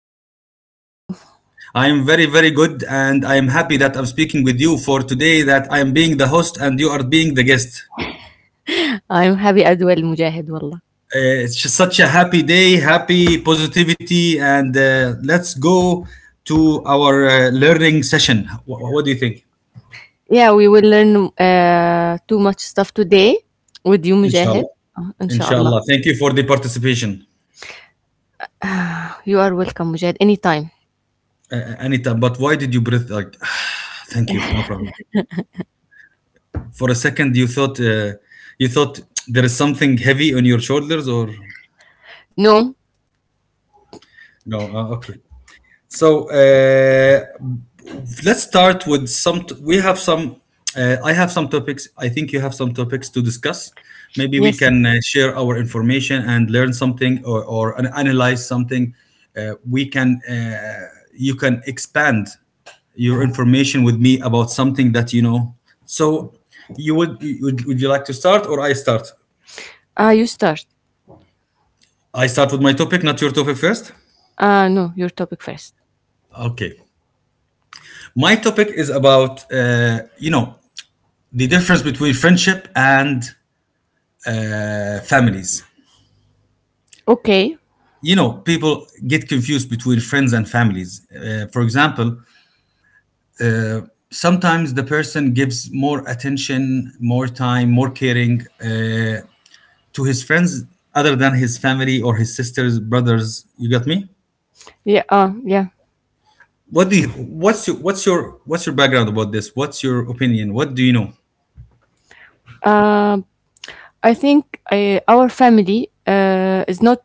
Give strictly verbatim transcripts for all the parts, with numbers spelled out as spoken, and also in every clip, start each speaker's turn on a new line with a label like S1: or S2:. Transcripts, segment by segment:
S1: I'm good. How are you?
S2: I'm very, very good, and I'm happy that I'm speaking with you for today. That I am being the host and you are being the guest.
S1: I'm happy as well, Mujahid. Wallah.
S2: Uh, it's just such a happy day, happy positivity, and uh, let's go to our uh, learning session. Wh- what do you think?
S1: Yeah, we will learn uh, too much stuff today with you, Mujahid.
S2: Inshallah,
S1: Uh, inshallah.
S2: inshallah. Thank you for the participation,
S1: You are welcome, Mujahid. Anytime.
S2: uh, uh, Anita. But why did you breathe like? Thank you. No problem. For a second, you thought uh, you thought there is something heavy on your shoulders, or
S1: No.
S2: no, uh, okay. So uh, let's start with some. T- we have some. Uh, I have some topics. I think you have some topics to discuss. Maybe we
S1: Yes.
S2: can uh, share our information and learn something or, or an- analyze something. Uh, we can. Uh, you can expand your information with me about something that you know. So you would, would would you like to start or I start?
S1: Uh, you start.
S2: I start with my topic, not your topic first.
S1: Uh, no, your topic first.
S2: Okay. My topic is about uh, you know the difference between friendship and uh, families.
S1: Okay.
S2: You know, people get confused between friends and families. Uh, for example, sometimes the person gives more attention, more time, more caring uh, to his friends other than his family or his sisters, brothers. You got me?
S1: Yeah. Uh, yeah.
S2: What do you? What's your? What's your? What's your background about this? What's your opinion? What do you know?
S1: Uh, I think uh, our family uh, is not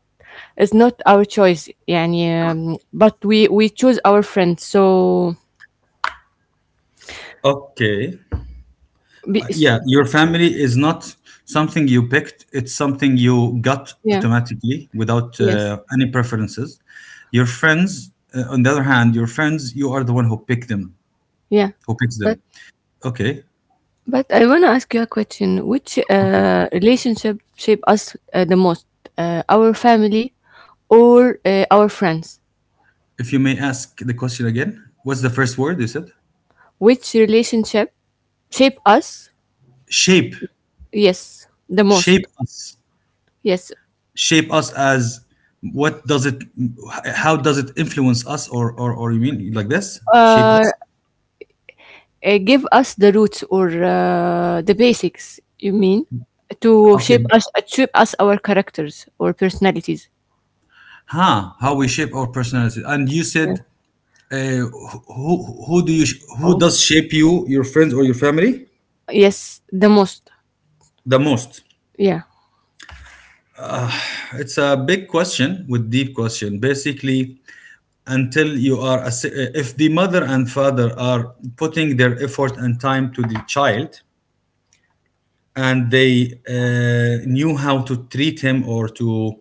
S1: is not our choice يعني, um, but we we choose our friends, so
S2: Okay.
S1: be,
S2: Yeah, your family is not something you picked, it's something you got
S1: yeah,
S2: automatically without
S1: yes.
S2: uh, any preferences. Your friends, uh, on the other hand, your friends, you are the one who pick them,
S1: Yeah,
S2: who picks
S1: but
S2: them. Okay,
S1: but I want to ask you a question. Which
S2: okay.
S1: uh, relationship shape us uh, the most? Uh, our family or uh, our friends?
S2: If you may ask the question again, what's the first word you said?
S1: Which relationship shape us?
S2: Shape,
S1: Yes, the
S2: Shape
S1: most.
S2: us,
S1: Yes,
S2: shape us as what does it, how does it influence us, or or or you mean like this? Shape
S1: uh,
S2: us.
S1: uh, give us the roots or uh, the basics. You mean to shape
S2: Okay.
S1: us, uh, shape us our characters or personalities?
S2: Huh. How we shape our personality. And you said
S1: Yeah.
S2: Uh, who who do you who
S1: Oh,
S2: does shape you, your friends or your family
S1: yes, the most.
S2: the most?
S1: Yeah.
S2: It's a big question, with deep question basically. Until you are a s- If the mother and father are putting their effort and time to the child, and they uh, knew how to treat him, or to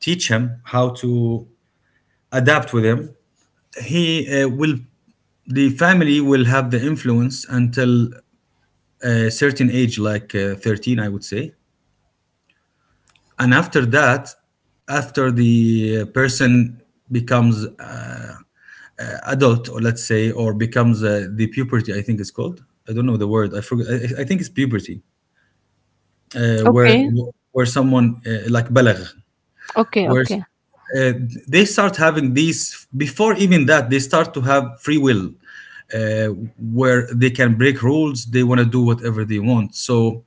S2: teach him how to adapt with him, he uh, will the family will have the influence until a certain age like uh, thirteen, I would say. And after that, after the person becomes uh, uh, adult, or let's say, or becomes uh, the puberty, I think it's called. I don't know the word, I forgot. i, I think it's puberty, uh, where
S1: Okay.
S2: where someone uh, like balagh,
S1: Okay.
S2: where
S1: Okay.
S2: uh, they start having these. Before even that, they start to have free will, uh, where they can break rules, they want to do whatever they want. So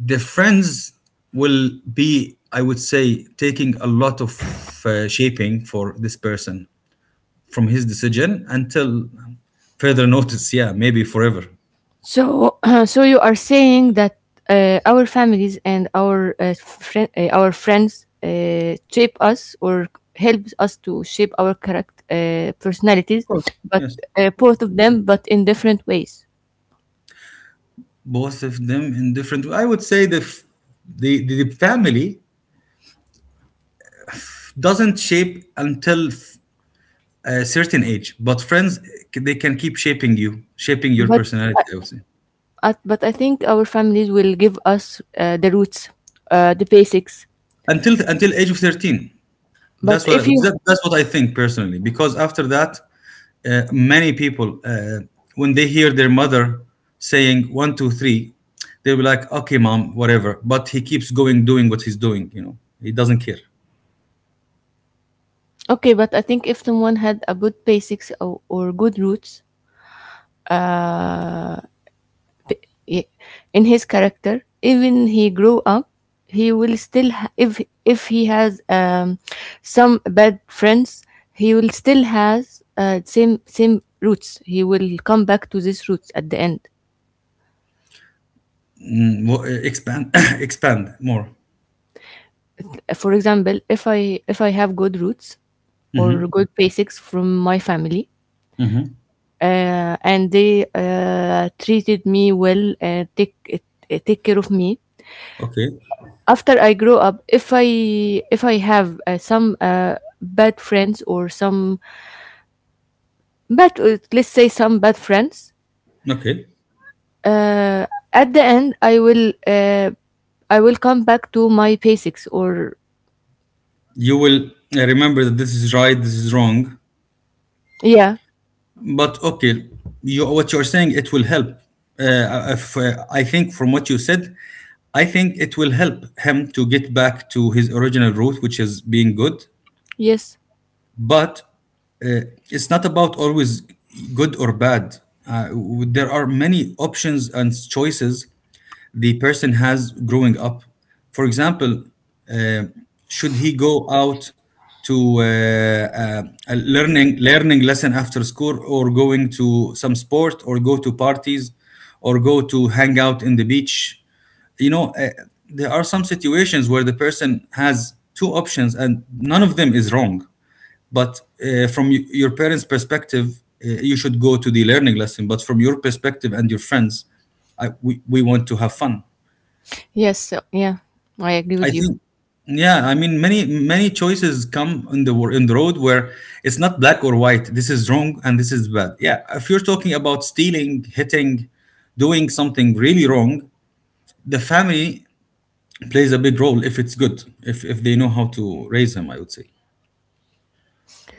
S2: the friends will be, I would say, taking a lot of uh, shaping for this person, from his decision until further notice, yeah, maybe forever. Of
S1: So, so you are saying that uh, our families and our uh, friend, uh, our friends uh, shape us or help us to shape our character, uh, personalities,
S2: course,
S1: but
S2: yes,
S1: uh, both of them, but in different ways.
S2: both of them in different, I would say. the f- the, the, the family doesn't shape until f- a certain age, but friends, c- they can keep shaping you, shaping your
S1: But
S2: personality, I would say.
S1: at, but I think our families will give us uh, the roots, uh, the basics.
S2: Until until age of thirteen,
S1: But
S2: that's what,
S1: if you
S2: that's what I think personally, because after that, uh, many people, uh, when they hear their mother saying one two three, they'll be like, "Okay mom, whatever," but he keeps going, doing what he's doing, you know, he doesn't care.
S1: Okay, but I think if someone had a good basics, or, or good roots, uh, i- in his character, even he grew up, he will still ha- if if he has um, some bad friends, he will still has uh, same same roots. He will come back to these roots at the end.
S2: Mm, wha- uh, expand expand more.
S1: For example, if i if i have good roots or
S2: Hmm,
S1: good basics from my family,
S2: hmm.
S1: uh, and they uh, treated me well, uh, take uh, take care of me.
S2: Okay,
S1: After I grow up, if I if I have uh, some uh, bad friends or some bad uh, let's say some bad friends,
S2: okay.
S1: uh, at the end I will uh, I will come back to my basics, or...
S2: You will uh, remember that this is right, this is wrong.
S1: Yeah.
S2: But okay, you what you're saying, it will help. Uh, if, uh, I think from what you said, I think it will help him to get back to his original route, which is being good.
S1: Yes.
S2: But uh, it's not about always good or bad. Uh, w- there are many options and choices the person has growing up. For example, uh, should he go out to uh, uh, a learning learning lesson after school, or going to some sport, or go to parties, or go to hang out in the beach? You know, uh, there are some situations where the person has two options, and none of them is wrong. But uh, from your parents' perspective, uh, you should go to the learning lesson. But from your perspective and your friends, I, we, we want to have fun.
S1: Yes. So, yeah, I agree
S2: I
S1: with you.
S2: think, yeah, I mean, many many choices come in the wor- in the road, where it's not black or white. This is wrong and this is bad. Yeah, if you're talking about stealing, hitting, doing something really wrong, the family plays a big role, if it's good, if if they know how to raise him, I would say.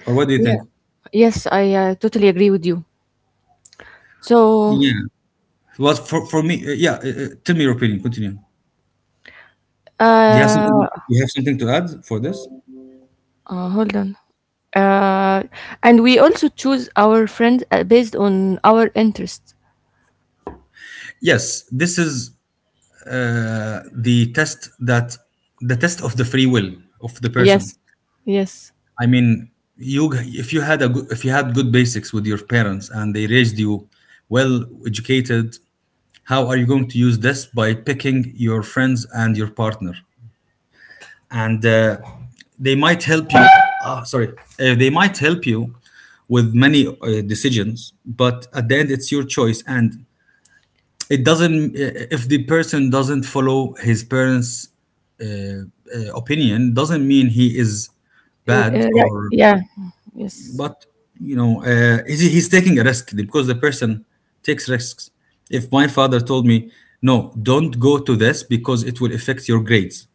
S2: Or what do you
S1: Yeah,
S2: think?
S1: yes, I uh, totally agree with you. So,
S2: Yeah. Well, for for me, uh, yeah. Uh, uh, tell me your opinion. Continue. Do you have
S1: uh,
S2: something, you have something to add for this?
S1: uh hold on. uh and we also choose our friends uh, based on our interest.
S2: Yes, this is uh, the test that the test of the free will of the person.
S1: Yes, yes.
S2: I mean, you if you had a good, if you had good basics with your parents and they raised you well educated, how are you going to use this by picking your friends and your partner? And uh, they might help you. Ah, sorry, uh, they might help you with many uh, decisions, but at the end, it's your choice. And it doesn't, if the person doesn't follow his parents uh, uh, opinion, doesn't mean he is
S1: Uh, uh,
S2: bad,
S1: Yeah.
S2: or
S1: Yeah, yes,
S2: but you know, uh, he's, he's taking a risk, because the person takes risks. If my father told me, "No, don't go to this because it will affect your grades."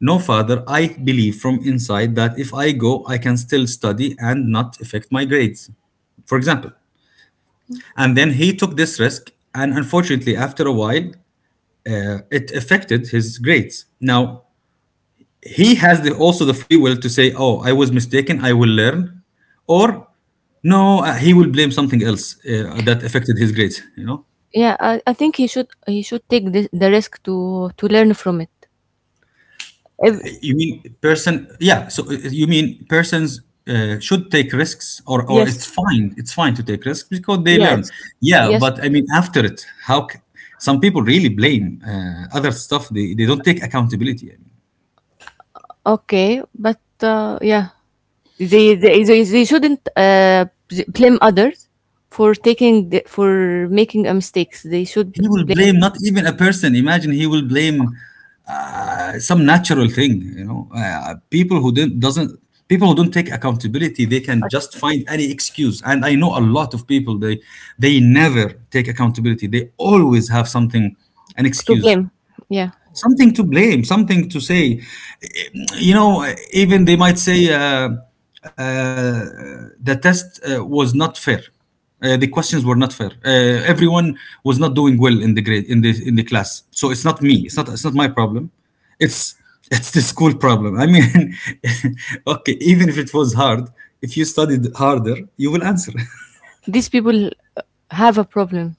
S2: "No, father, I believe from inside that if I go I can still study and not affect my grades," for example. And then he took this risk, and unfortunately after a while, uh, it affected his grades. Now he has the, also the free will to say, "Oh, I was mistaken. I will learn," or no, uh, he will blame something else uh, that affected his grades. You know,
S1: yeah, I, I think he should he should take the the risk to to learn from it if...
S2: you mean person? Yeah. So uh, you mean persons uh, should take risks, or or
S1: Yes,
S2: it's fine. It's fine to take risks because they
S1: yeah,
S2: learn.
S1: it's...
S2: Yeah,
S1: Yes.
S2: but I mean, after it, how? C- some people really blame uh, other stuff. They, they don't take accountability.
S1: Okay, but uh, yeah, they, they they they shouldn't uh b- blame others for taking the, for making a mistakes. They should
S2: He will
S1: blame...
S2: blame not even a person. Imagine he will blame uh, some natural thing. You know, uh, people who didn't doesn't people who don't take accountability, they can just find any excuse. And I know a lot of people, they they never take accountability. They always have something, an
S1: To
S2: excuse,
S1: blame. Yeah.
S2: something to blame, something to say. You know, even they might say uh, uh, the test uh, was not fair. Uh, the questions were not fair. Uh, everyone was not doing well in the grade, in the in the class. So it's not me. It's not it's not my problem. It's it's the school problem. I mean, okay, even if it was hard, if you studied harder, you will answer.
S1: These people uh, have a problem.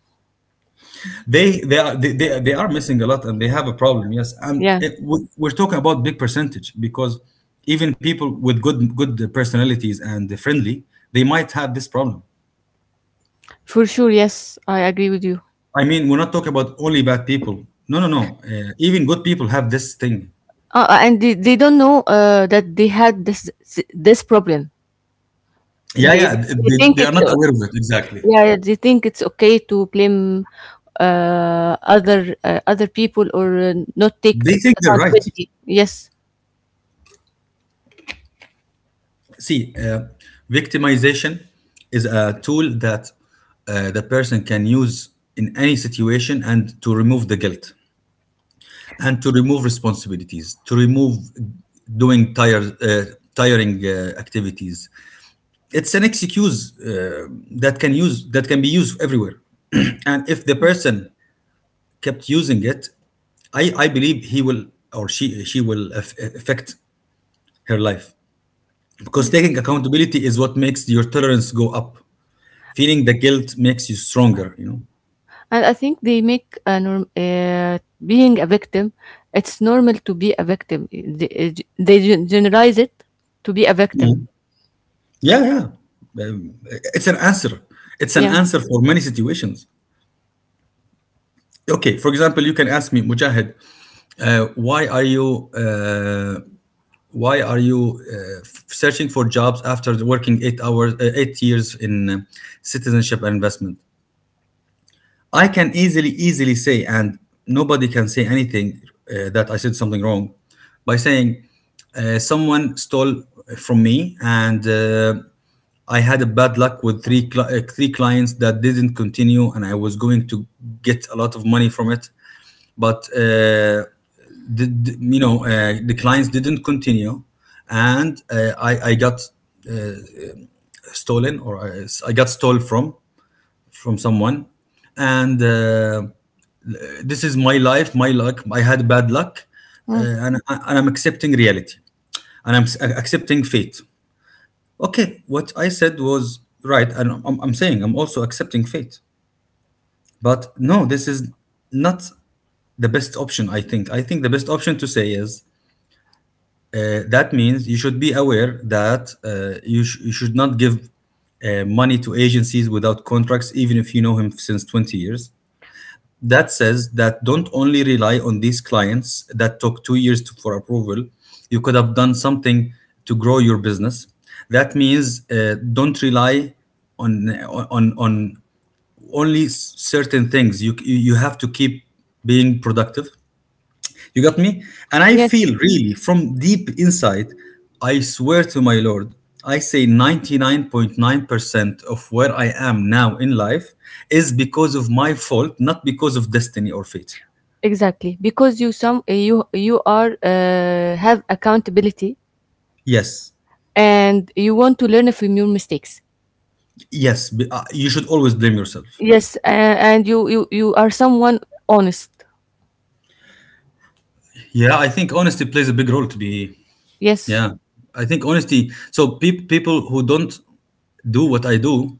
S2: They they are, they, they, they are missing a lot and they have a problem. Yes, and
S1: Yeah,
S2: it, we- we're talking about big percentage, because even people with good good personalities and friendly, they might have this problem.
S1: for sure. Yes, I agree with you.
S2: I mean, we're not talking about only bad people. No, no, no. Uh, even good people have this thing.
S1: Uh, and they, they don't know uh, that they had this this problem.
S2: Yeah,
S1: They
S2: yeah.
S1: they
S2: They,
S1: think
S2: they are
S1: it's
S2: not
S1: o-
S2: aware of it exactly.
S1: Yeah, they think it's okay to blame uh, other uh, other people, or uh, not take
S2: They
S1: ac-
S2: think they're right.
S1: accountability. Yes,
S2: See, uh, victimization is a tool that uh, the person can use in any situation, and to remove the guilt, and to remove responsibilities, to remove doing tired, uh, tiring uh, activities. It's an excuse uh, that can use that can be used everywhere. And if the person kept using it, I I believe he will, or she she will aff- affect her life, because taking accountability is what makes your tolerance go up. Feeling the guilt makes you stronger, you know.
S1: and I think they make a norm, uh, being a victim. It's normal to be a victim. They, they gen- generalize it to be a victim.
S2: Mm. Yeah, yeah. Um, it's an answer. It's an
S1: Yeah.
S2: answer for many situations. Okay, for example, you can ask me, Mujahid, uh, why are you uh, why are you uh, f- searching for jobs after working eight hours, uh, eight years in uh, citizenship and investment? I can easily, easily say, and nobody can say anything uh, that I said something wrong, by saying uh, someone stole from me, and uh, I had a bad luck with three cli- uh, three clients that didn't continue, and I was going to get a lot of money from it, but uh, the, the- you know, uh, the clients didn't continue, and uh, I I got stolen, or I, I got stole from from someone, and. Uh, this is my life, my luck. I had bad luck, uh,
S1: Mm.
S2: and, and I'm accepting reality, and I'm s- accepting fate. Okay, what I said was right, and I'm, I'm saying I'm also accepting fate. But no, this is not the best option. I think. I think the best option to say is uh, that means you should be aware that uh, you, sh- you should not give uh, money to agencies without contracts, even if you know him since twenty years. That says that don't only rely on these clients that took two years to, for approval. You could have done something to grow your business. That means uh, don't rely on on on only certain things. You you have to keep being productive, you got me? And I
S1: Yes.
S2: feel really from deep inside, I swear to my Lord, I say ninety-nine point nine percent of where I am now in life is because of my fault, not because of destiny or fate.
S1: Exactly. Because you some you you are uh, have accountability
S2: Yes,
S1: and you want to learn from your mistakes.
S2: yes, b- uh, you should always blame yourself.
S1: Yes, a- and you you you are someone honest.
S2: Yeah, I think honesty plays a big role to be.
S1: Yes.
S2: Yeah, I think honesty. So pe- people who don't do what I do,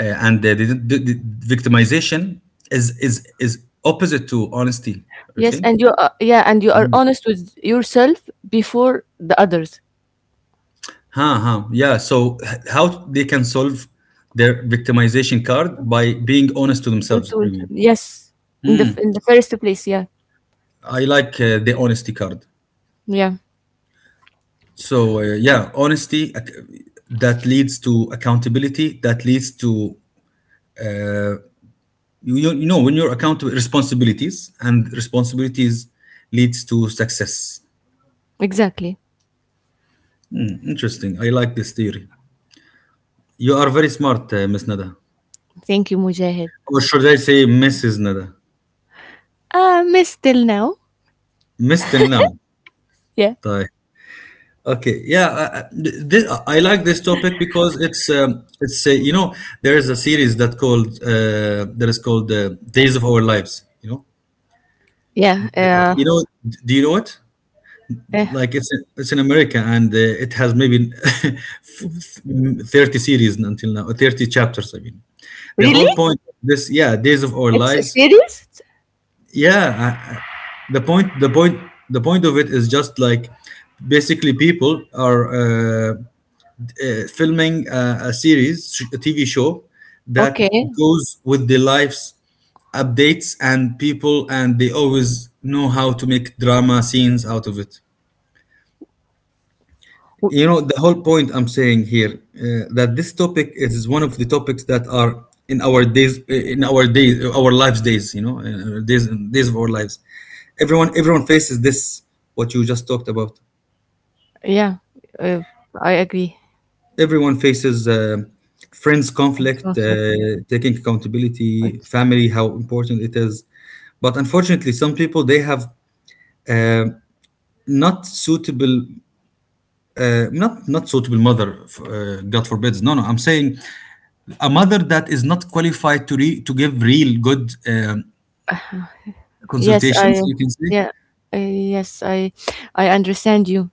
S2: uh, and they didn't, the, the victimization is is is opposite to honesty. You
S1: Yes,
S2: think?
S1: and you are, yeah, and you are
S2: Mm.
S1: honest with yourself before the others.
S2: Huh, huh. Yeah. So h- how they can solve their victimization card by being honest to
S1: قلت-
S2: themselves. I
S1: قلت-
S2: mean,
S1: Yes, in the in the first place, yeah.
S2: I like uh, the honesty card.
S1: Yeah,
S2: So uh, yeah, honesty ac- that leads to accountability. That leads to you, you you know when you're accountable responsibilities, and responsibilities leads to success.
S1: exactly.
S2: Interesting. I like this theory. You are very smart, uh, Miss Nada.
S1: Thank you, Mujahid.
S2: Or should I say Missus Nada?
S1: Uh, miss till now.
S2: Miss till now.
S1: Yeah.
S2: Okay, yeah, I, I- th- I like this topic because it's um, it's uh, you know there is a series that called uh, that is called uh, Days of Our Lives. You know,
S1: Yeah. Uh,
S2: you know, do you know it?
S1: eh.
S2: Like it's it's in America, and uh, it has maybe thirty series until now, thirty chapters. I mean, the
S1: Really?
S2: whole point of this, yeah, Days of Our
S1: It's a
S2: Lives.
S1: series?
S2: Yeah, I- I- the point the point the point of it is just like basically people are. Uh, uh, filming a, a series, sh- a T V show that
S1: Okay.
S2: goes with the lives updates and people, and they always know how to make drama scenes out of it. You
S1: W-
S2: know, the whole point I'm saying here uh, that this topic is one of the topics that are in our days, uh, in our days, uh, our lives days. You know, in our days, days of our lives. Everyone, everyone faces this. What you just talked about.
S1: Yeah, uh, I agree.
S2: Everyone faces uh, friends conflict, uh, taking accountability, family, how important it is. But unfortunately, some people they have uh, not suitable, uh, not not suitable mother. f- Uh, God forbids. No, no. I'm saying a mother that is not qualified to re- to give real good um,
S1: Yes, I...
S2: consultations. You can say,
S1: Yeah. Uh, yes, I I understand you.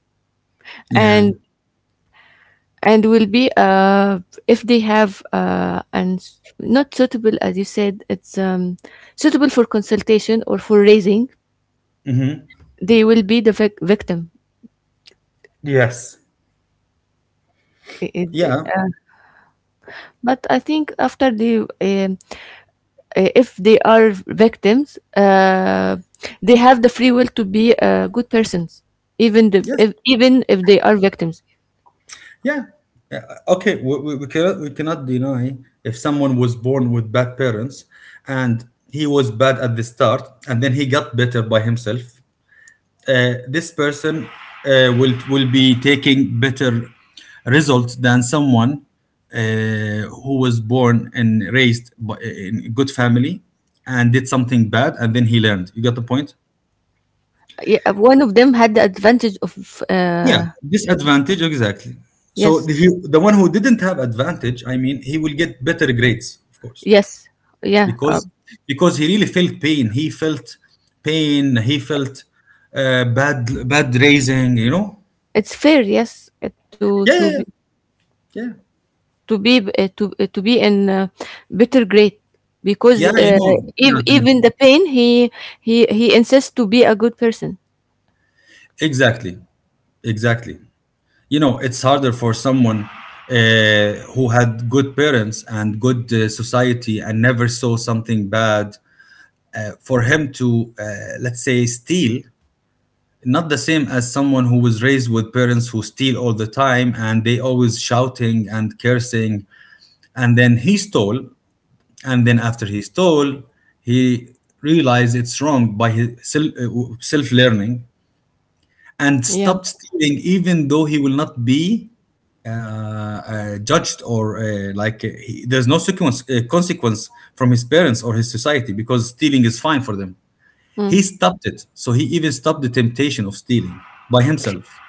S2: yeah.
S1: and and will be uh if they have uh and not suitable, as you said, it's um suitable for consultation or for raising, they will be the vic- victim.
S2: Yes.
S1: I- I-
S2: Yeah.
S1: uh, but I think after they, um, uh, if they are victims, uh they have the free will to be uh, good persons, even the
S2: Yes.
S1: if, even if they are victims.
S2: Yeah. Yeah, okay. We, we, we cannot we cannot deny if someone was born with bad parents and he was bad at the start and then he got better by himself. Uh, this person uh, will will be taking better results than someone uh, who was born and raised by, in a good family and did something bad and then he learned. You got the point?
S1: Yeah, one of them had the advantage of
S2: Yeah,
S1: uh
S2: disadvantage exactly. So
S1: yes.
S2: the he, the one who didn't have advantage, I mean, he will get better grades, of course,
S1: Yes. Yeah. uh,
S2: because because he really felt pain. He felt pain. He felt uh, bad bad raising. You know.
S1: It's fair, yes, uh, to
S2: Yeah,
S1: to
S2: yeah,
S1: be
S2: yeah, yeah.
S1: to be uh, to uh, to be in a better grade, because,
S2: Yeah, you
S1: uh,
S2: know. You know
S1: ev-
S2: what I mean.
S1: even the pain, he he he insists to be a good person.
S2: Exactly, exactly. You know, it's harder for someone uh, who had good parents and good uh, society and never saw something bad for him to, uh, let's say, steal, not the same as someone who was raised with parents who steal all the time and they always shouting and cursing, and then he stole, and then after he stole he realized it's wrong by his self, self learning, and
S1: Yeah.
S2: stopped stealing, even though he will not be uh, uh, judged or uh, like uh, he, there's no sequence, uh, consequence from his parents or his society because stealing is fine for them.
S1: Mm.
S2: He stopped it, so he even stopped the temptation of stealing by himself.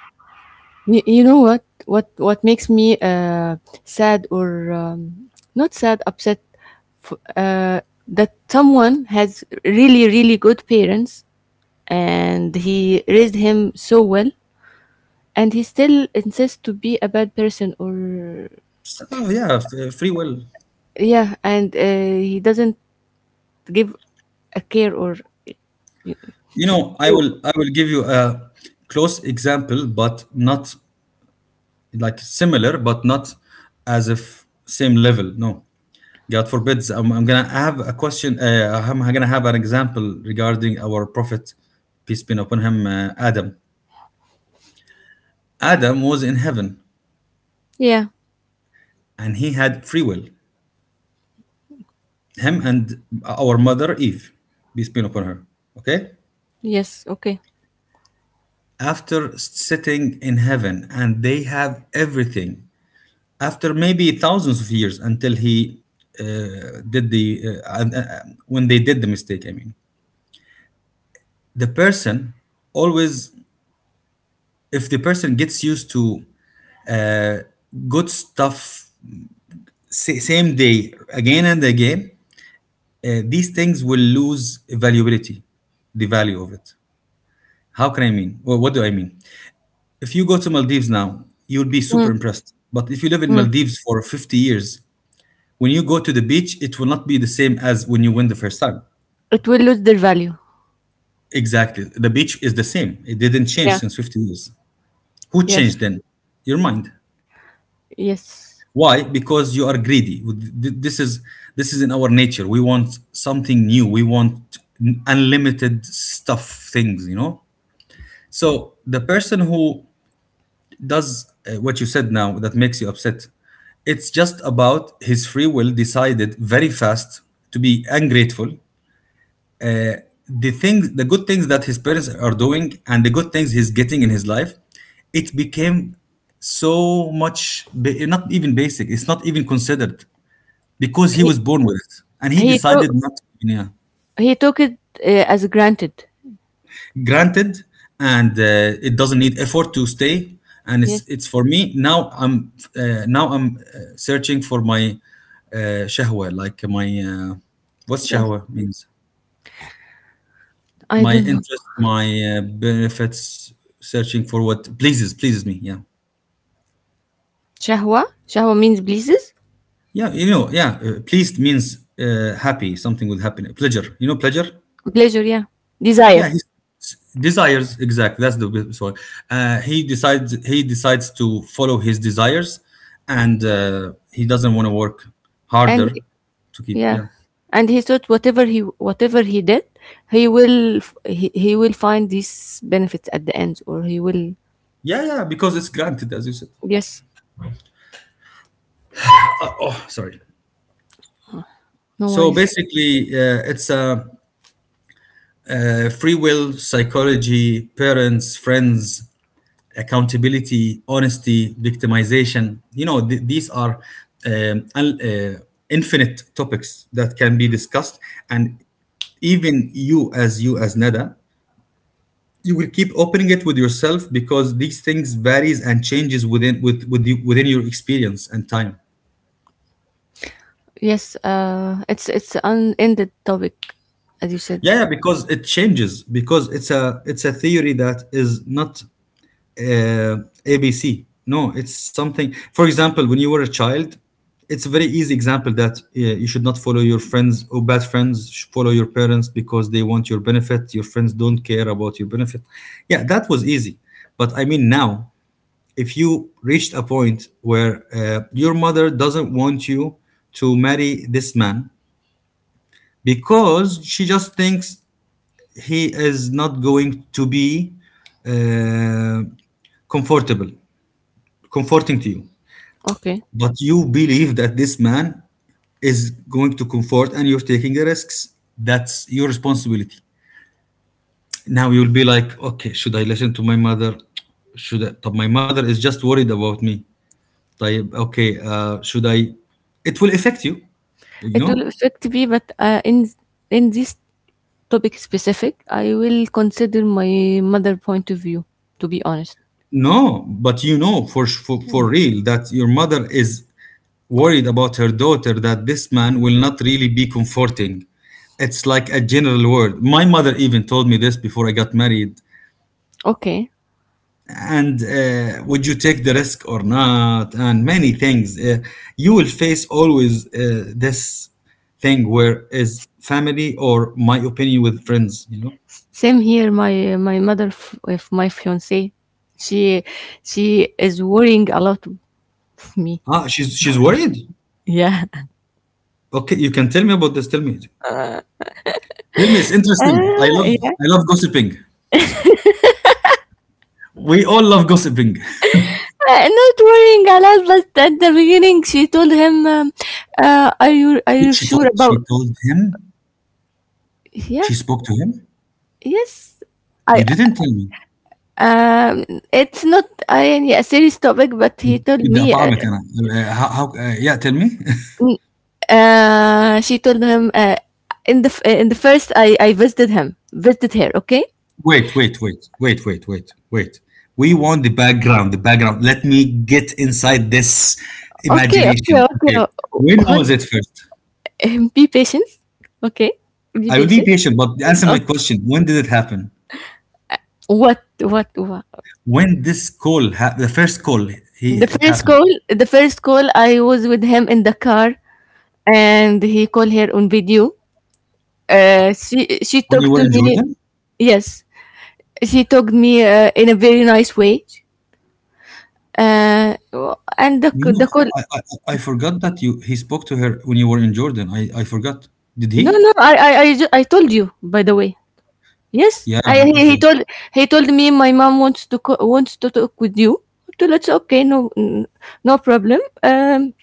S1: You, you know what? What what makes me uh, sad, or um, not sad, upset, f- uh, that someone has really really good parents and he raised him so well, and he still insists to be a bad person, or...
S2: Oh yeah, f- uh, free will.
S1: Yeah, and uh, he doesn't give a care, or...
S2: You know, I will I will give you a close example, but not like similar, but not as if same level. No, God forbids. I'm, I'm gonna have a question. Uh, I'm gonna have an example regarding our prophet, peace be upon him, uh, Adam. Adam was in heaven,
S1: Yeah,
S2: and he had free will. Him and our mother Eve, peace be upon her. Okay,
S1: yes, okay.
S2: after sitting in heaven, and they have everything, after maybe thousands of years until he uh, did the uh, uh, uh, when they did the mistake, I mean the person always, if the person gets used to uh, good stuff sa- same day again and again, uh, these things will lose valuability, the value of it. How can, I mean, well, what do I mean? If you go to Maldives now you'll be super
S1: Mm,
S2: impressed, but if you live in
S1: mm.
S2: Maldives for fifty years, when you go to the beach it will not be the same as when you went the first time.
S1: It will lose their value.
S2: Exactly, the beach is the same, it didn't change
S1: Yeah,
S2: since fifty years. Who
S1: yes,
S2: changed then? Your mind.
S1: yes.
S2: Why? Because you are greedy. Th- this is, this is in our nature. We want something new, we want unlimited stuff, things, you know. So the person who does uh, what you said now that makes you upset, it's just about his free will decided very fast to be ungrateful. The things, the good things that his parents are doing and the good things he's getting in his life, it became so much ba- not even basic, it's not even considered because he
S1: He
S2: was born with it, and he
S1: he
S2: decided
S1: took
S2: not to, yeah,
S1: he took it uh, as granted.
S2: granted, and uh, it doesn't need effort to stay. And it's
S1: Yes,
S2: it's for me now I'm uh, now I'm uh, searching for my uh, shahwa, like my uh, what's
S1: yes.
S2: shahwa means,
S1: I
S2: my
S1: don't know.
S2: interest, my uh, benefits, searching for what pleases pleases me. Yeah,
S1: Shahwa, shahwa means pleases,
S2: yeah, you know, yeah. Uh, pleased means uh, happy, something with happiness, pleasure. You know, pleasure.
S1: pleasure. Yeah,
S2: Yeah,
S1: desire,
S2: he desires exactly. That's the bit- sorry. Uh, he decides he decides to follow his desires, and uh, he doesn't want to work
S1: and
S2: harder to keep.
S1: yeah,
S2: Yeah,
S1: and he thought whatever he whatever he did, he will f- he, he will find these benefits at the end, or he will.
S2: yeah, yeah. Because it's granted, as you said.
S1: Yes,
S2: Uh, oh, sorry.
S1: no
S2: So
S1: worries.
S2: basically, uh, it's a uh, free will, psychology, parents, friends, accountability, honesty, victimization. You know, th- these are um, un- uh, infinite topics that can be discussed. And even you, as you, as Nada, you will keep opening it with yourself because these things varies and changes within with, with you, within your experience and time.
S1: Yes, uh, it's it's unended topic, as you said.
S2: Yeah, yeah, because it changes because it's a it's a theory that is not uh, A B C. No, it's something. For example, when you were a child, it's a very easy example that uh, you should not follow your friends or bad friends. Should follow your parents because they want your benefit. Your friends don't care about your benefit. Yeah, that was easy. But I mean, now, if you reached a point where uh, your mother doesn't want you to marry this man because she just thinks he is not going to be uh, comfortable comforting to you.
S1: Okay.
S2: But you believe that this man is going to comfort and you're taking the risks. That's your responsibility. Now you'll be like, okay, should I listen to my mother? Should I? طب, my mother is just worried about me. طيب, okay, uh, should I? It will affect you, you
S1: It
S2: know?
S1: will affect me, but uh, in in this topic specific, I will consider my mother point of view. To be honest,
S2: No, but you know for, for, for real that your mother is worried about her daughter that this man will not really be comforting. It's like a general word. My mother even told me this before I got married.
S1: okay.
S2: And uh, would you take the risk or not? And many things. Uh, you will face always uh, this thing where is family or my opinion with friends. You know.
S1: Same here. My my mother, f- with my fiance, she she is worrying a lot of me.
S2: Ah, she's she's worried.
S1: Yeah.
S2: Okay, you can tell me about this. Tell me. Tell me. It's interesting. I
S1: Ah,
S2: love
S1: yeah.
S2: I love gossiping. We all love gossiping.
S1: Uh, Not worrying a lot, but at the beginning she told him, um, uh, "Are you are
S2: She
S1: you
S2: she
S1: sure
S2: told she
S1: about?"
S2: told him.
S1: Yeah.
S2: She spoke to him?
S1: Yes, I
S2: You didn't tell me.
S1: um, it's not a, a serious topic, but he told
S2: بدي
S1: me. Uh,
S2: أطعمك أنا. Uh, how, how, uh, yeah, tell me.
S1: n- uh, she told him, uh, in the f- uh, in the first I I visited him, visited her. Okay,
S2: wait, wait, wait, wait, wait, wait, wait. We want the background, the background. Let me get inside this
S1: okay, okay,
S2: imagination.
S1: okay.
S2: Okay.
S1: uh,
S2: When was
S1: Hold,
S2: it first?
S1: um, be patient. Okay, be
S2: I will be
S1: patient.
S2: patient, but answer my
S1: Okay.
S2: question. When did it happen?
S1: What what what?
S2: When this call, ha- the first call, he
S1: The
S2: it
S1: first
S2: happened.
S1: call, the first call, I was with him in the car, and he called her on video. Uh, she she
S2: When you
S1: talked
S2: were
S1: to
S2: in
S1: me.
S2: Jordan?
S1: Yes, she took me uh, in a very nice way, uh, and the
S2: You know,
S1: the call...
S2: I, I, I I forgot that you he spoke to her when you were in Jordan. I, I forgot. Did he?
S1: No, no, I, I I ju- I told you, by the way. Yes,
S2: Yeah,
S1: I he, he
S2: okay.
S1: told he told me my mom wants to co- wants to talk with you, so let's... Okay, no n- no problem. um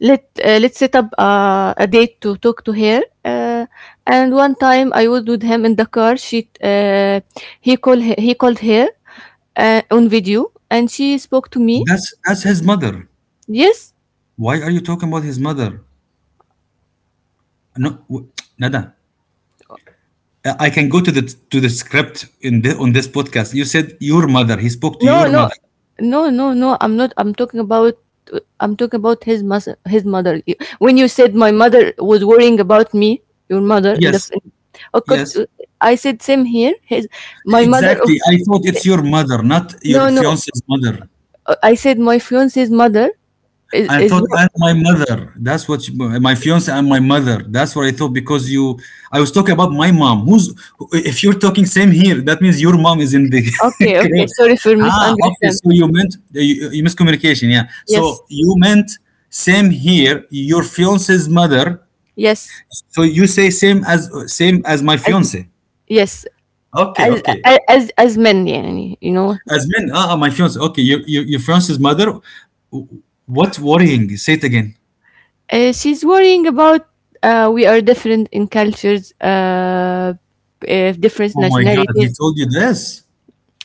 S1: let uh, Let's set up uh, a date to talk to her. Uh, and one time I was with him in the car, she uh, he called he called her uh, on video, and she spoke to me.
S2: That's that's his mother.
S1: Yes.
S2: Why are you talking about his mother? No, w- nada. I can go to the to the script in the, on this podcast. You said your mother. He spoke to
S1: No,
S2: your
S1: no,
S2: mother.
S1: no, no, no. I'm not. I'm talking about... I'm talking about his mas- his mother. You- When you said my mother was worrying about me, your mother in the,
S2: Yes,
S1: f- of course,
S2: yes,
S1: uh, I said same here. His My mother. Of,
S2: exactly. I thought it's your mother, not your
S1: no, no.
S2: fiance's mother.
S1: uh, I said my fiance's mother is
S2: I
S1: is.
S2: thought, and
S1: wor-.
S2: my mother. That's what she- my fiance and my mother. That's what I thought because you. I was talking about my mom. Who's if you're talking same here, that means your mom is in the
S1: Okay, okay.
S2: crowd.
S1: Sorry for
S2: Ah, okay.
S1: misunderstanding.
S2: So you meant you, you miscommunication. Yeah.
S1: Yes,
S2: So you meant same here. Your fiance's mother.
S1: yes,
S2: So you say same as same as my
S1: as
S2: fiance.
S1: yes,
S2: Okay,
S1: as
S2: okay.
S1: as as as men. Yeah, you know.
S2: As men, ah, ah, my fiance. Okay, your your, your fiance's mother. w- What's worrying? Say it again.
S1: Uh, she's worrying about, uh, we are different in cultures, uh, uh, different
S2: Oh my God, he
S1: nationalities.
S2: told you this.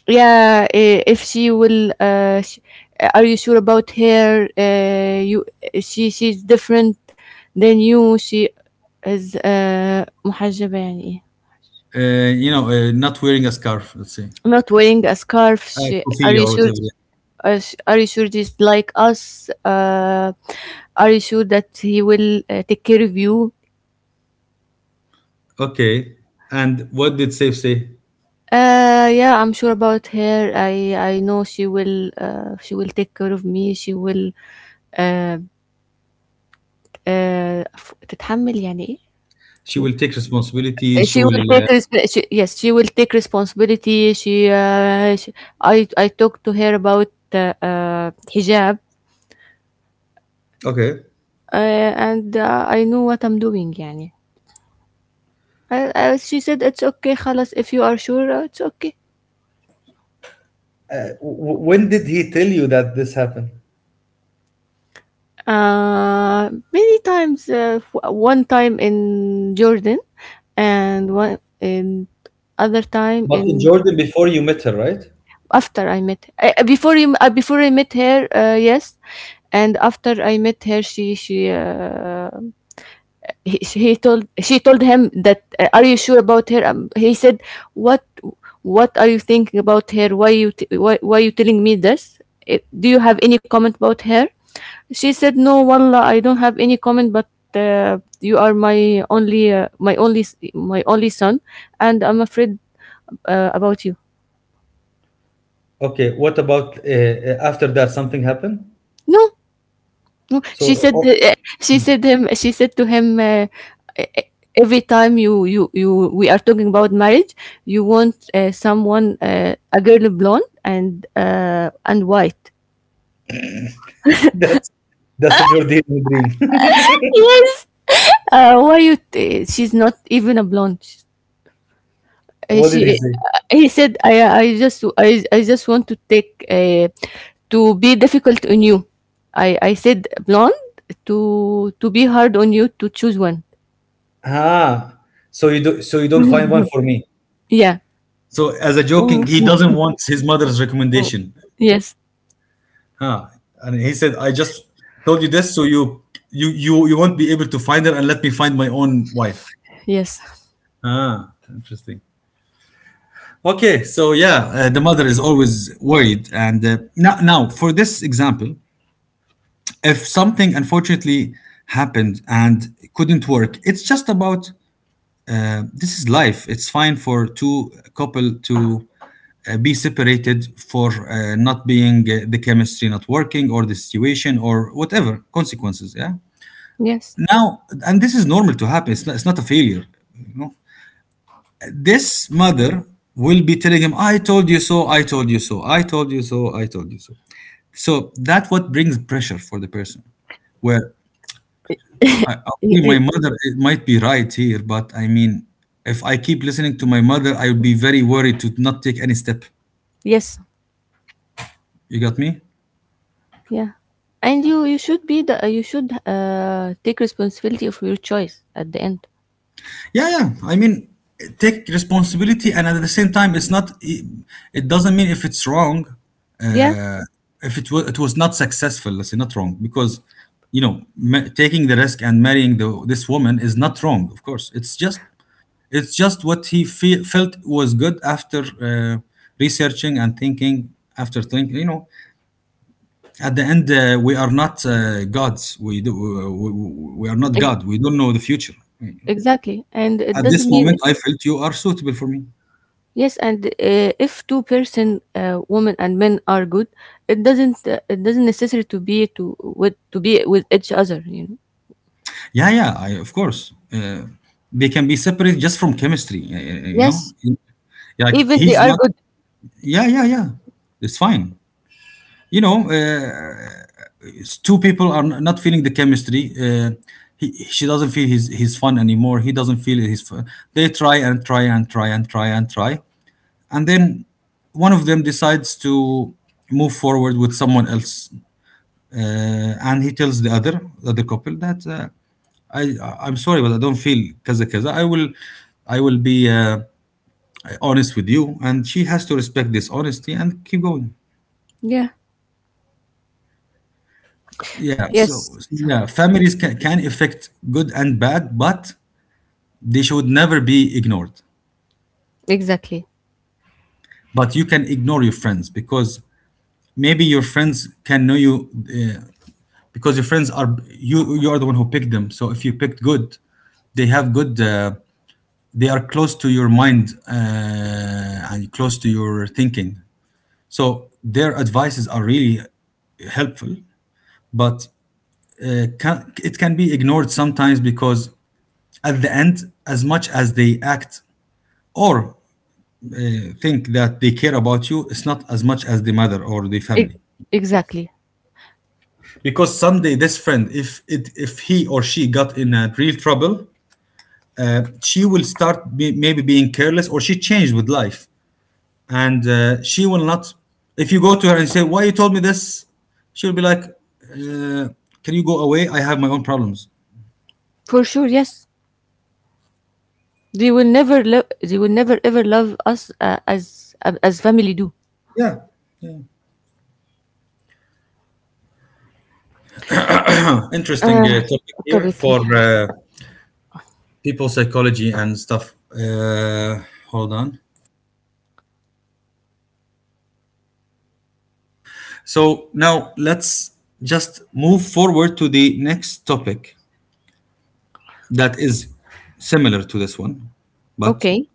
S1: Yeah, uh, if she will, uh, sh- uh, are you sure about her? Uh, you, she, she's different than you. She is uh, محجبة يعني إيه?
S2: Uh, you know, uh, not wearing a scarf, let's say,
S1: Not wearing a scarf.
S2: uh,
S1: She, are
S2: kufiyya
S1: you
S2: or
S1: sure?
S2: whatever. Yeah.
S1: Uh, are you sure she's like us? Uh, are you sure that he will uh, take care of you?
S2: Okay. And what did Saif say?
S1: Uh, yeah, I'm sure about her. I I know she will uh, she will take care of me. She will uh, uh, ف- تتحمل يعني إيه؟
S2: She
S1: She,
S2: will take responsibility.
S1: uh,
S2: She
S1: she will
S2: will.
S1: take resp- she, Yes, she will take responsibility. She, uh, she I I talked to her about uh, uh, hijab,
S2: Uh, okay.
S1: uh, and uh, I know what I'm doing يعني. I, I, she said it's okay خلاص, if you are sure, uh, it's okay.
S2: Uh, w- when did he tell you that this happened?
S1: Uh, many times, uh, w- one time in Jordan, and one in... Other time
S2: But in
S1: in...
S2: Jordan, before you met her, right?
S1: after I met uh, before him. Uh, before I met her, uh, yes. And after I met her, she she uh, he, he told she told him that, uh, are you sure about her? Um, he said, what what are you thinking about her? Why you t- why why you telling me this? Uh, do you have any comment about her? She said, "No, wallah, I don't have any comment, but uh, you are my only, uh, my only, my only son, and I'm afraid uh, about you."
S2: Okay, what about uh, uh, after that? Something happened?
S1: No, no. She
S2: So
S1: said,
S2: oh,
S1: uh, she said him, she said to him, uh, "E- e- every time you, you, you, we are talking about marriage, you want uh, someone, uh, a girl blonde and uh, and white.
S2: that's that's a Jordanian dream.
S1: Yes. Uh, why you? T- she's not even a blonde. Uh,
S2: What
S1: she,
S2: did he
S1: eh,
S2: say?
S1: he said, I, I just, I, I just want to take, uh, to be difficult on you. I, I said blonde to, to be hard on you to choose one.
S2: Ah, so you do so you don't find one for me?
S1: Yeah.
S2: So as a joking, he
S1: Mhm.
S2: doesn't want his mother's recommendation.
S1: Yes.
S2: Huh. And he said, I just told you this so you you you, you won't be able to find her and let me find my own wife.
S1: Yes.
S2: Ah, interesting. Okay, so yeah, uh, the mother is always worried. And uh, now, now, for this example, if something unfortunately happened and couldn't work, it's just about uh, this is life. It's fine for two couple to uh, be separated for uh, not being uh, the chemistry not working or the situation or whatever consequences. Yeah.
S1: Yes.
S2: Now, and this is normal to happen. It's not, it's not a failure. You know, this mother will be telling him, "I told you so. I told you so. I told you so. I told you so." So that's what brings pressure for the person, where I,
S1: Y-
S2: okay, my
S1: y-
S2: mother it might be right here, but I mean, if I keep listening to my mother, I would be very worried to not take any step.
S1: Yes.
S2: You got me?
S1: Yeah. And you, you should be the, you should uh, take responsibility of your choice at the end.
S2: Yeah, yeah. I mean, take responsibility, and at the same time, it's not. It, it doesn't mean if it's wrong,
S1: Yeah.
S2: uh, if it was it was not successful. Let's say not wrong because you know ma- taking the risk and marrying the, this woman is not wrong. Of course, it's just it's just what he fe- felt was good after uh, researching and thinking. After thinking, you know, at the end, uh, we are not uh, gods. We do. uh, We, we, we are not
S1: Ex-
S2: God. We don't know the future.
S1: Exactly. And it
S2: At
S1: doesn't
S2: this
S1: mean...
S2: moment, I felt you are suitable for me.
S1: Yes, and uh, if two person, uh, women and men are good, it doesn't uh, it doesn't necessary to be to with to be with each other. You know.
S2: Yeah, yeah, I, of course. Uh, they can be separate just from chemistry, y- y- you know?
S1: Yes,
S2: Like,
S1: even they
S2: he's
S1: are
S2: not,
S1: good.
S2: yeah, yeah, yeah. It's fine. You know, uh, s- two people are n- not feeling the chemistry. Uh, he, she doesn't feel his, his fun anymore. He doesn't feel his fun. They try and try and try and try and try. And then one of them decides to move forward with someone else uh, and he tells the other the other couple that uh, I I'm sorry, but I don't feel kaza kaza. I will I will be uh, honest with you, and she has to respect this honesty and keep going.
S1: Yeah.
S2: Yeah, so,
S1: Yes,
S2: so yeah, families can, can affect good and bad, but they should never be ignored.
S1: exactly.
S2: But you can ignore your friends because maybe your friends can know you uh, because your friends are you you are the one who picked them. So if you picked good, they have good uh, they are close to your mind uh, and close to your thinking. So their advices are really helpful, but uh, can, it can be ignored sometimes because at the end, as much as they act or think that they care about you, it's not as much as the mother or the
S1: E-
S2: family.
S1: exactly.
S2: Because someday this friend, if it, if he or she got in a real trouble, uh, she will start be, maybe being careless or she changed with life and uh, she will not if you go to her and say why you told me this she'll be like uh, can you go away. I have my own problems.
S1: For sure. Yes. They will never love. They will never ever love us uh, as as family do.
S2: Yeah, interesting uh,
S1: uh,
S2: topic here
S1: Topic.
S2: for uh, people psychology and stuff. Uh, hold on, so now let's just move forward to the next topic that is similar to this one, but
S1: Okay.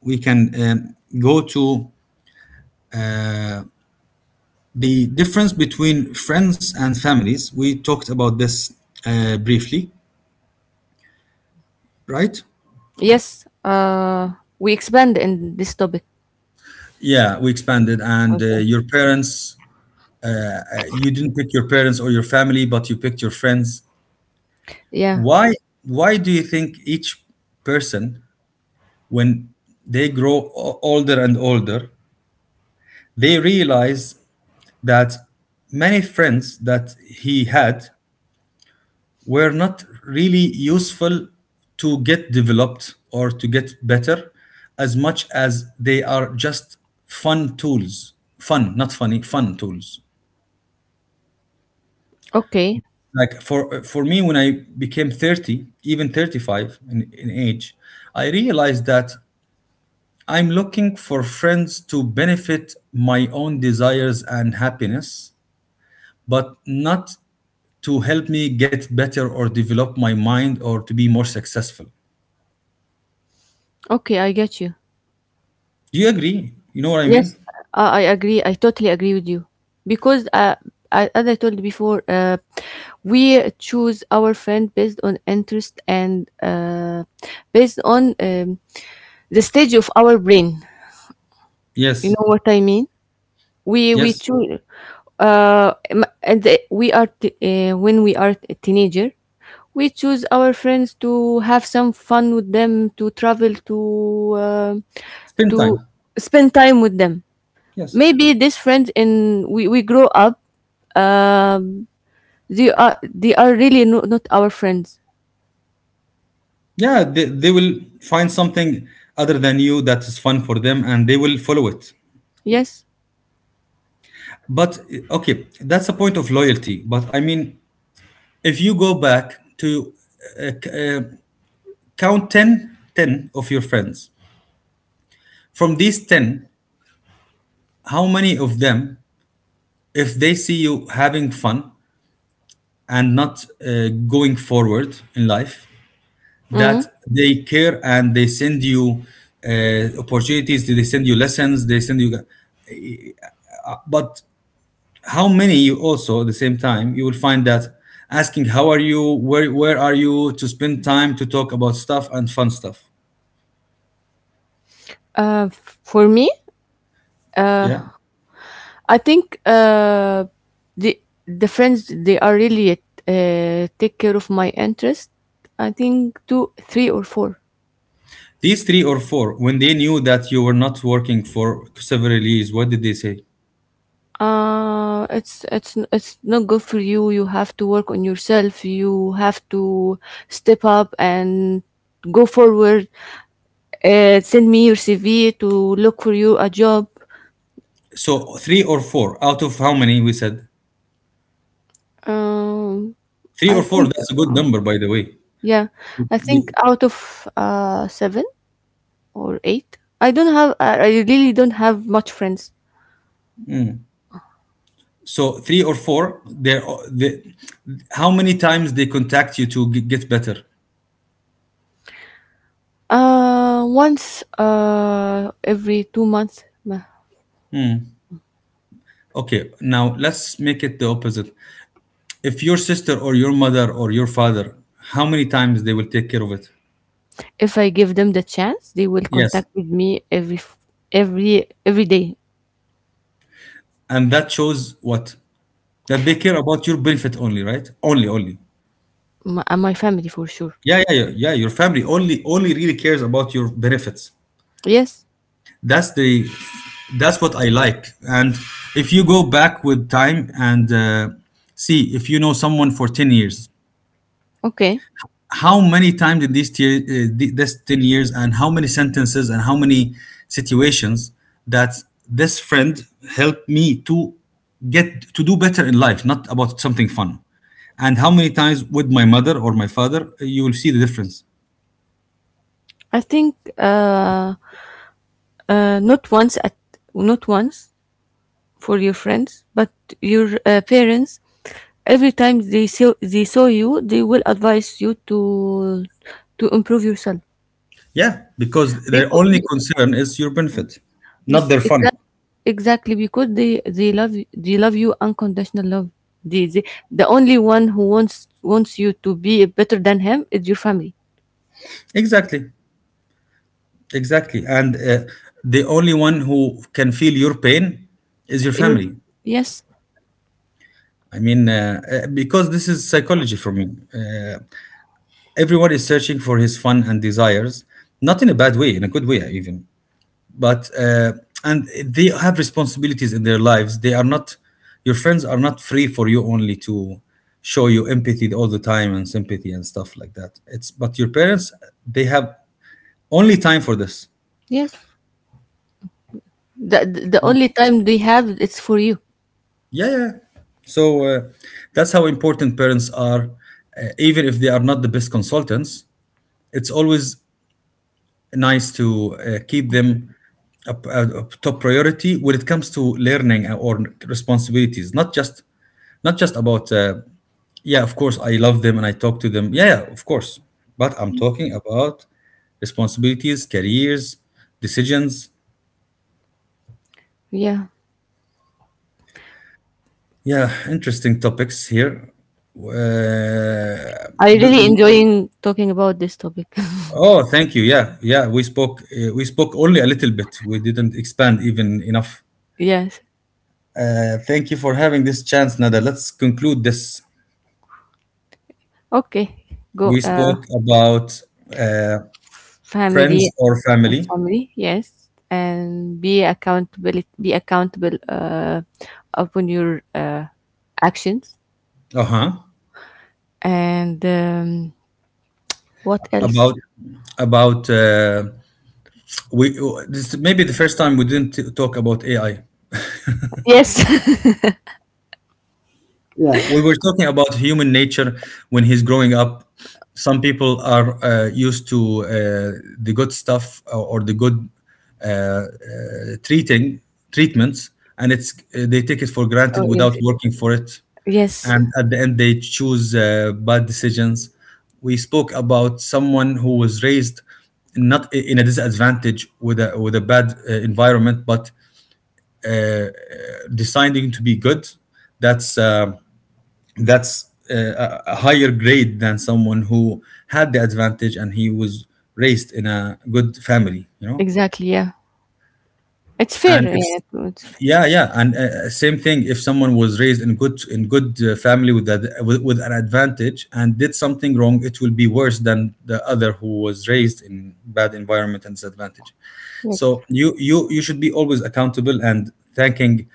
S2: we can um, go to the difference between friends and families. We talked about this uh, briefly, right?
S1: Yes. Uh, we expand in this topic.
S2: Yeah, we expanded and uh,
S1: Okay.
S2: your parents, uh, you didn't pick your parents or your family but you picked your friends.
S1: Yeah.
S2: why why do you think each person when they grow o- older and older, they realize that many friends that he had were not really useful to get developed or to get better as much as they are just fun tools. Fun, not funny fun tools.
S1: Okay.
S2: Like for for me, when I became thirty, even thirty-five in, in age, I realized that I'm looking for friends to benefit my own desires and happiness, but not to help me get better or develop my mind or to be more successful.
S1: Okay. I get you.
S2: Do you agree? You know what I
S1: Yes,
S2: mean?
S1: uh, I agree. I totally agree with you because, uh, I, as I told you before, uh, we choose our friend based on interest, and uh, based on, um, the stage of our brain. You
S2: Yes.
S1: know what I mean? We we
S2: Yes.
S1: choose, uh, m- and the- we are t- uh, when we are a teenager, we choose our friends to have some fun with them, to travel, to uh,
S2: Spend
S1: to
S2: time.
S1: spend time with them.
S2: Yes.
S1: Maybe these friends, in we, we grow up, um they are they are really, no, not our friends.
S2: Yeah, they, they will find something other than you that is fun for them and they will follow it.
S1: Yes.
S2: But okay, that's a point of loyalty. But I mean, if you go back to uh, c- uh, count ten, ten of your friends, from these ten, how many of them, if they see you having fun and not uh, going forward in life, that
S1: Mm.
S2: they care and they send you uh, opportunities, they send you lessons, they send you. But how many you also at the same time you will find that asking how are you, where where are you, to spend time to talk about stuff and fun stuff?
S1: Uh, f- for me, uh,
S2: Yeah,
S1: I think, uh, the the friends they are really uh, take care of my interest, I think two, three or four.
S2: these three or four, when they knew that you were not working for several years, what did they say?
S1: uh it's it's it's not good for you. You have to work on yourself. You have to step up and go forward. Uh, send me your C V to look for you a job.
S2: So three or four out of how many we said?
S1: Um,
S2: Three or
S1: I
S2: four,
S1: think,
S2: that's a good number, by the way.
S1: yeah, I think, out of uh, seven or eight, I don't have, I I really don't have much friends.
S2: So three or four, they're the how many times they contact you to g- get better?
S1: Uh, once uh, every two months, ma-
S2: Okay, now let's make it the opposite. If your sister or your mother or your father, how many times they will take care of it?
S1: if I give them the chance, they will
S2: Yes.
S1: contact with me every f- every every day.
S2: And that shows what? That they care about your benefit only, right? Only, only.
S1: My, uh, my family, for sure.
S2: Yeah, yeah, yeah, yeah. Your family only, only really cares about your benefits.
S1: Yes.
S2: That's the that's what I like. And if you go back with time and uh, see if you know someone for ten years,
S1: Okay.
S2: how many times in these tier, uh, th- this ten years, and how many sentences and how many situations that this friend helped me to get to do better in life, not about something fun? And how many times with my mother or my father, you will see the difference.
S1: I think, uh, uh, not once, at not once for your friends, but your uh, parents, every time they saw they saw you, they will advise you to to improve yourself.
S2: Yeah, because their
S1: Because,
S2: only concern is your benefit, not their fun.
S1: exactly, exactly, because they they love you- they love you unconditional love. They, they, the only one who wants wants you to be better than him is your family.
S2: Exactly, exactly. And uh, the only one who can feel your pain is your
S1: Your-
S2: family.
S1: yes,
S2: I mean, uh, uh, because this is psychology for me. Uh, everyone is searching for his fun and desires, not in a bad way, in a good way even. But uh, and they have responsibilities in their lives. They are not your friends are not free for you only to show you empathy all the time and sympathy and stuff like that. It's but your parents, they have only time for this.
S1: yes. The, the the only time they have it's for you.
S2: Yeah, yeah. So uh, that's how important parents are, uh, even if they are not the best consultants. It's always nice to uh, keep them a uh, up top priority when it comes to learning uh, or responsibilities, not just not just about uh, yeah, of course I love them and I talk to them, yeah, yeah, of course. But I'm talking about responsibilities, careers, decisions.
S1: Yeah.
S2: Yeah, interesting topics here. uh,
S1: I
S2: l-
S1: really
S2: l-
S1: enjoying talking about this topic.
S2: oh, thank you. Yeah, yeah, we spoke uh, we spoke only a little bit, we didn't expand even enough.
S1: Yes.
S2: Uh, thank you for having this chance, Nada. Let's conclude this.
S1: Okay,
S2: We
S1: go, uh,
S2: spoke about uh, friends
S1: family.
S2: or
S1: Uh,
S2: family.
S1: family, yes, and be accountable be accountable uh, upon your uh, actions,
S2: Uh huh.
S1: and, um, what else?
S2: About about uh, we. This is maybe the first time we didn't talk about A I.
S1: Yes.
S2: We were talking about human nature when he's growing up. Some people are uh, used to uh, the good stuff or, or the good uh, uh, treating treatments, and it's uh, they take it for granted
S1: Oh,
S2: without
S1: yes,
S2: working for it,
S1: yes,
S2: and at the end they choose uh, bad decisions. We spoke about someone who was raised not in a disadvantage with a with a bad uh, environment, but uh, uh, deciding to be good. That's uh, that's uh, a a higher grade than someone who had the advantage and he was raised in a good family, you know.
S1: exactly. Yeah, it's fair.
S2: And if
S1: Yeah, it's fair.
S2: yeah, yeah. And uh, same thing, if someone was raised in good in good uh, family with that with, with an advantage and did something wrong, it will be worse than the other who was raised in bad environment and disadvantage.
S1: Yes,
S2: So you you you should be always accountable and thanking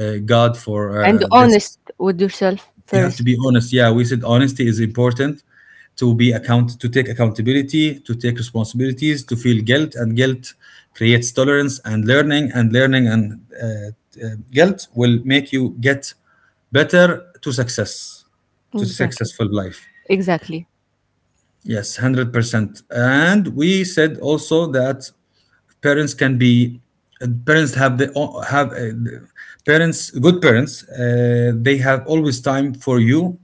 S2: uh, god for
S1: and
S2: uh,
S1: honest
S2: this.
S1: with yourself
S2: You have to
S1: first.
S2: be honest. Yeah, we said honesty is important to be account, to take accountability, to take responsibilities, to feel guilt, and guilt creates tolerance and learning, and learning and uh, uh, guilt will make you get better to success, to
S1: Exactly,
S2: successful life.
S1: exactly.
S2: Yes, one hundred percent. And we said also that parents can be parents have the have uh, parents good parents uh, they have always time for you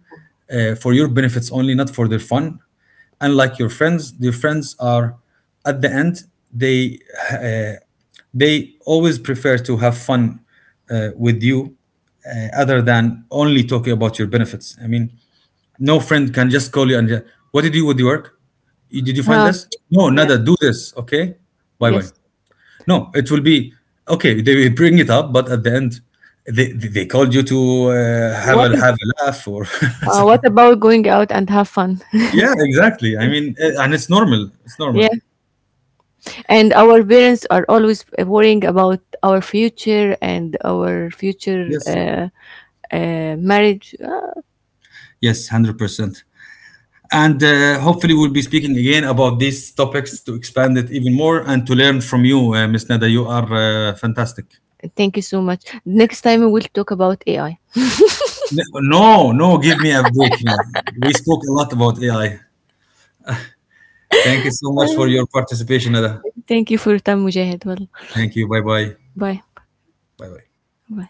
S2: uh, for your benefits only, not for their fun, unlike your friends. Their friends are at the end they uh, they always prefer to have fun uh, with you uh, other than only talking about your benefits. I mean, no friend can just call you and uh, what did you do with the work? You- did you find
S1: Huh?
S2: this? No,
S1: Yeah.
S2: nada, do this. Okay, bye bye.
S1: Yes.
S2: No, it will be okay. They will bring it up, but at the end, they they they called you to uh, have
S1: What?
S2: a have a laugh or
S1: Uh, what about going out and have fun?
S2: yeah, exactly. I mean, uh, and it's normal. It's
S1: Yeah.
S2: normal.
S1: And our parents are always worrying about our future and our future
S2: Yes,
S1: uh, uh, marriage. Uh,
S2: yes, hundred percent. And uh, hopefully, we'll be speaking again about these topics to expand it even more and to learn from you, uh, Miss Nada. You are uh, fantastic.
S1: Thank you so much. Next time we'll talk about A I.
S2: N- No, no, give me a break. Yeah. We spoke a lot about A I. Thank you so
S1: Uh,
S2: much for your participation, Nada.
S1: Thank you for your time, Mujahid. Well,
S2: Thank you. Bye bye.
S1: bye.
S2: Bye bye.
S1: Bye.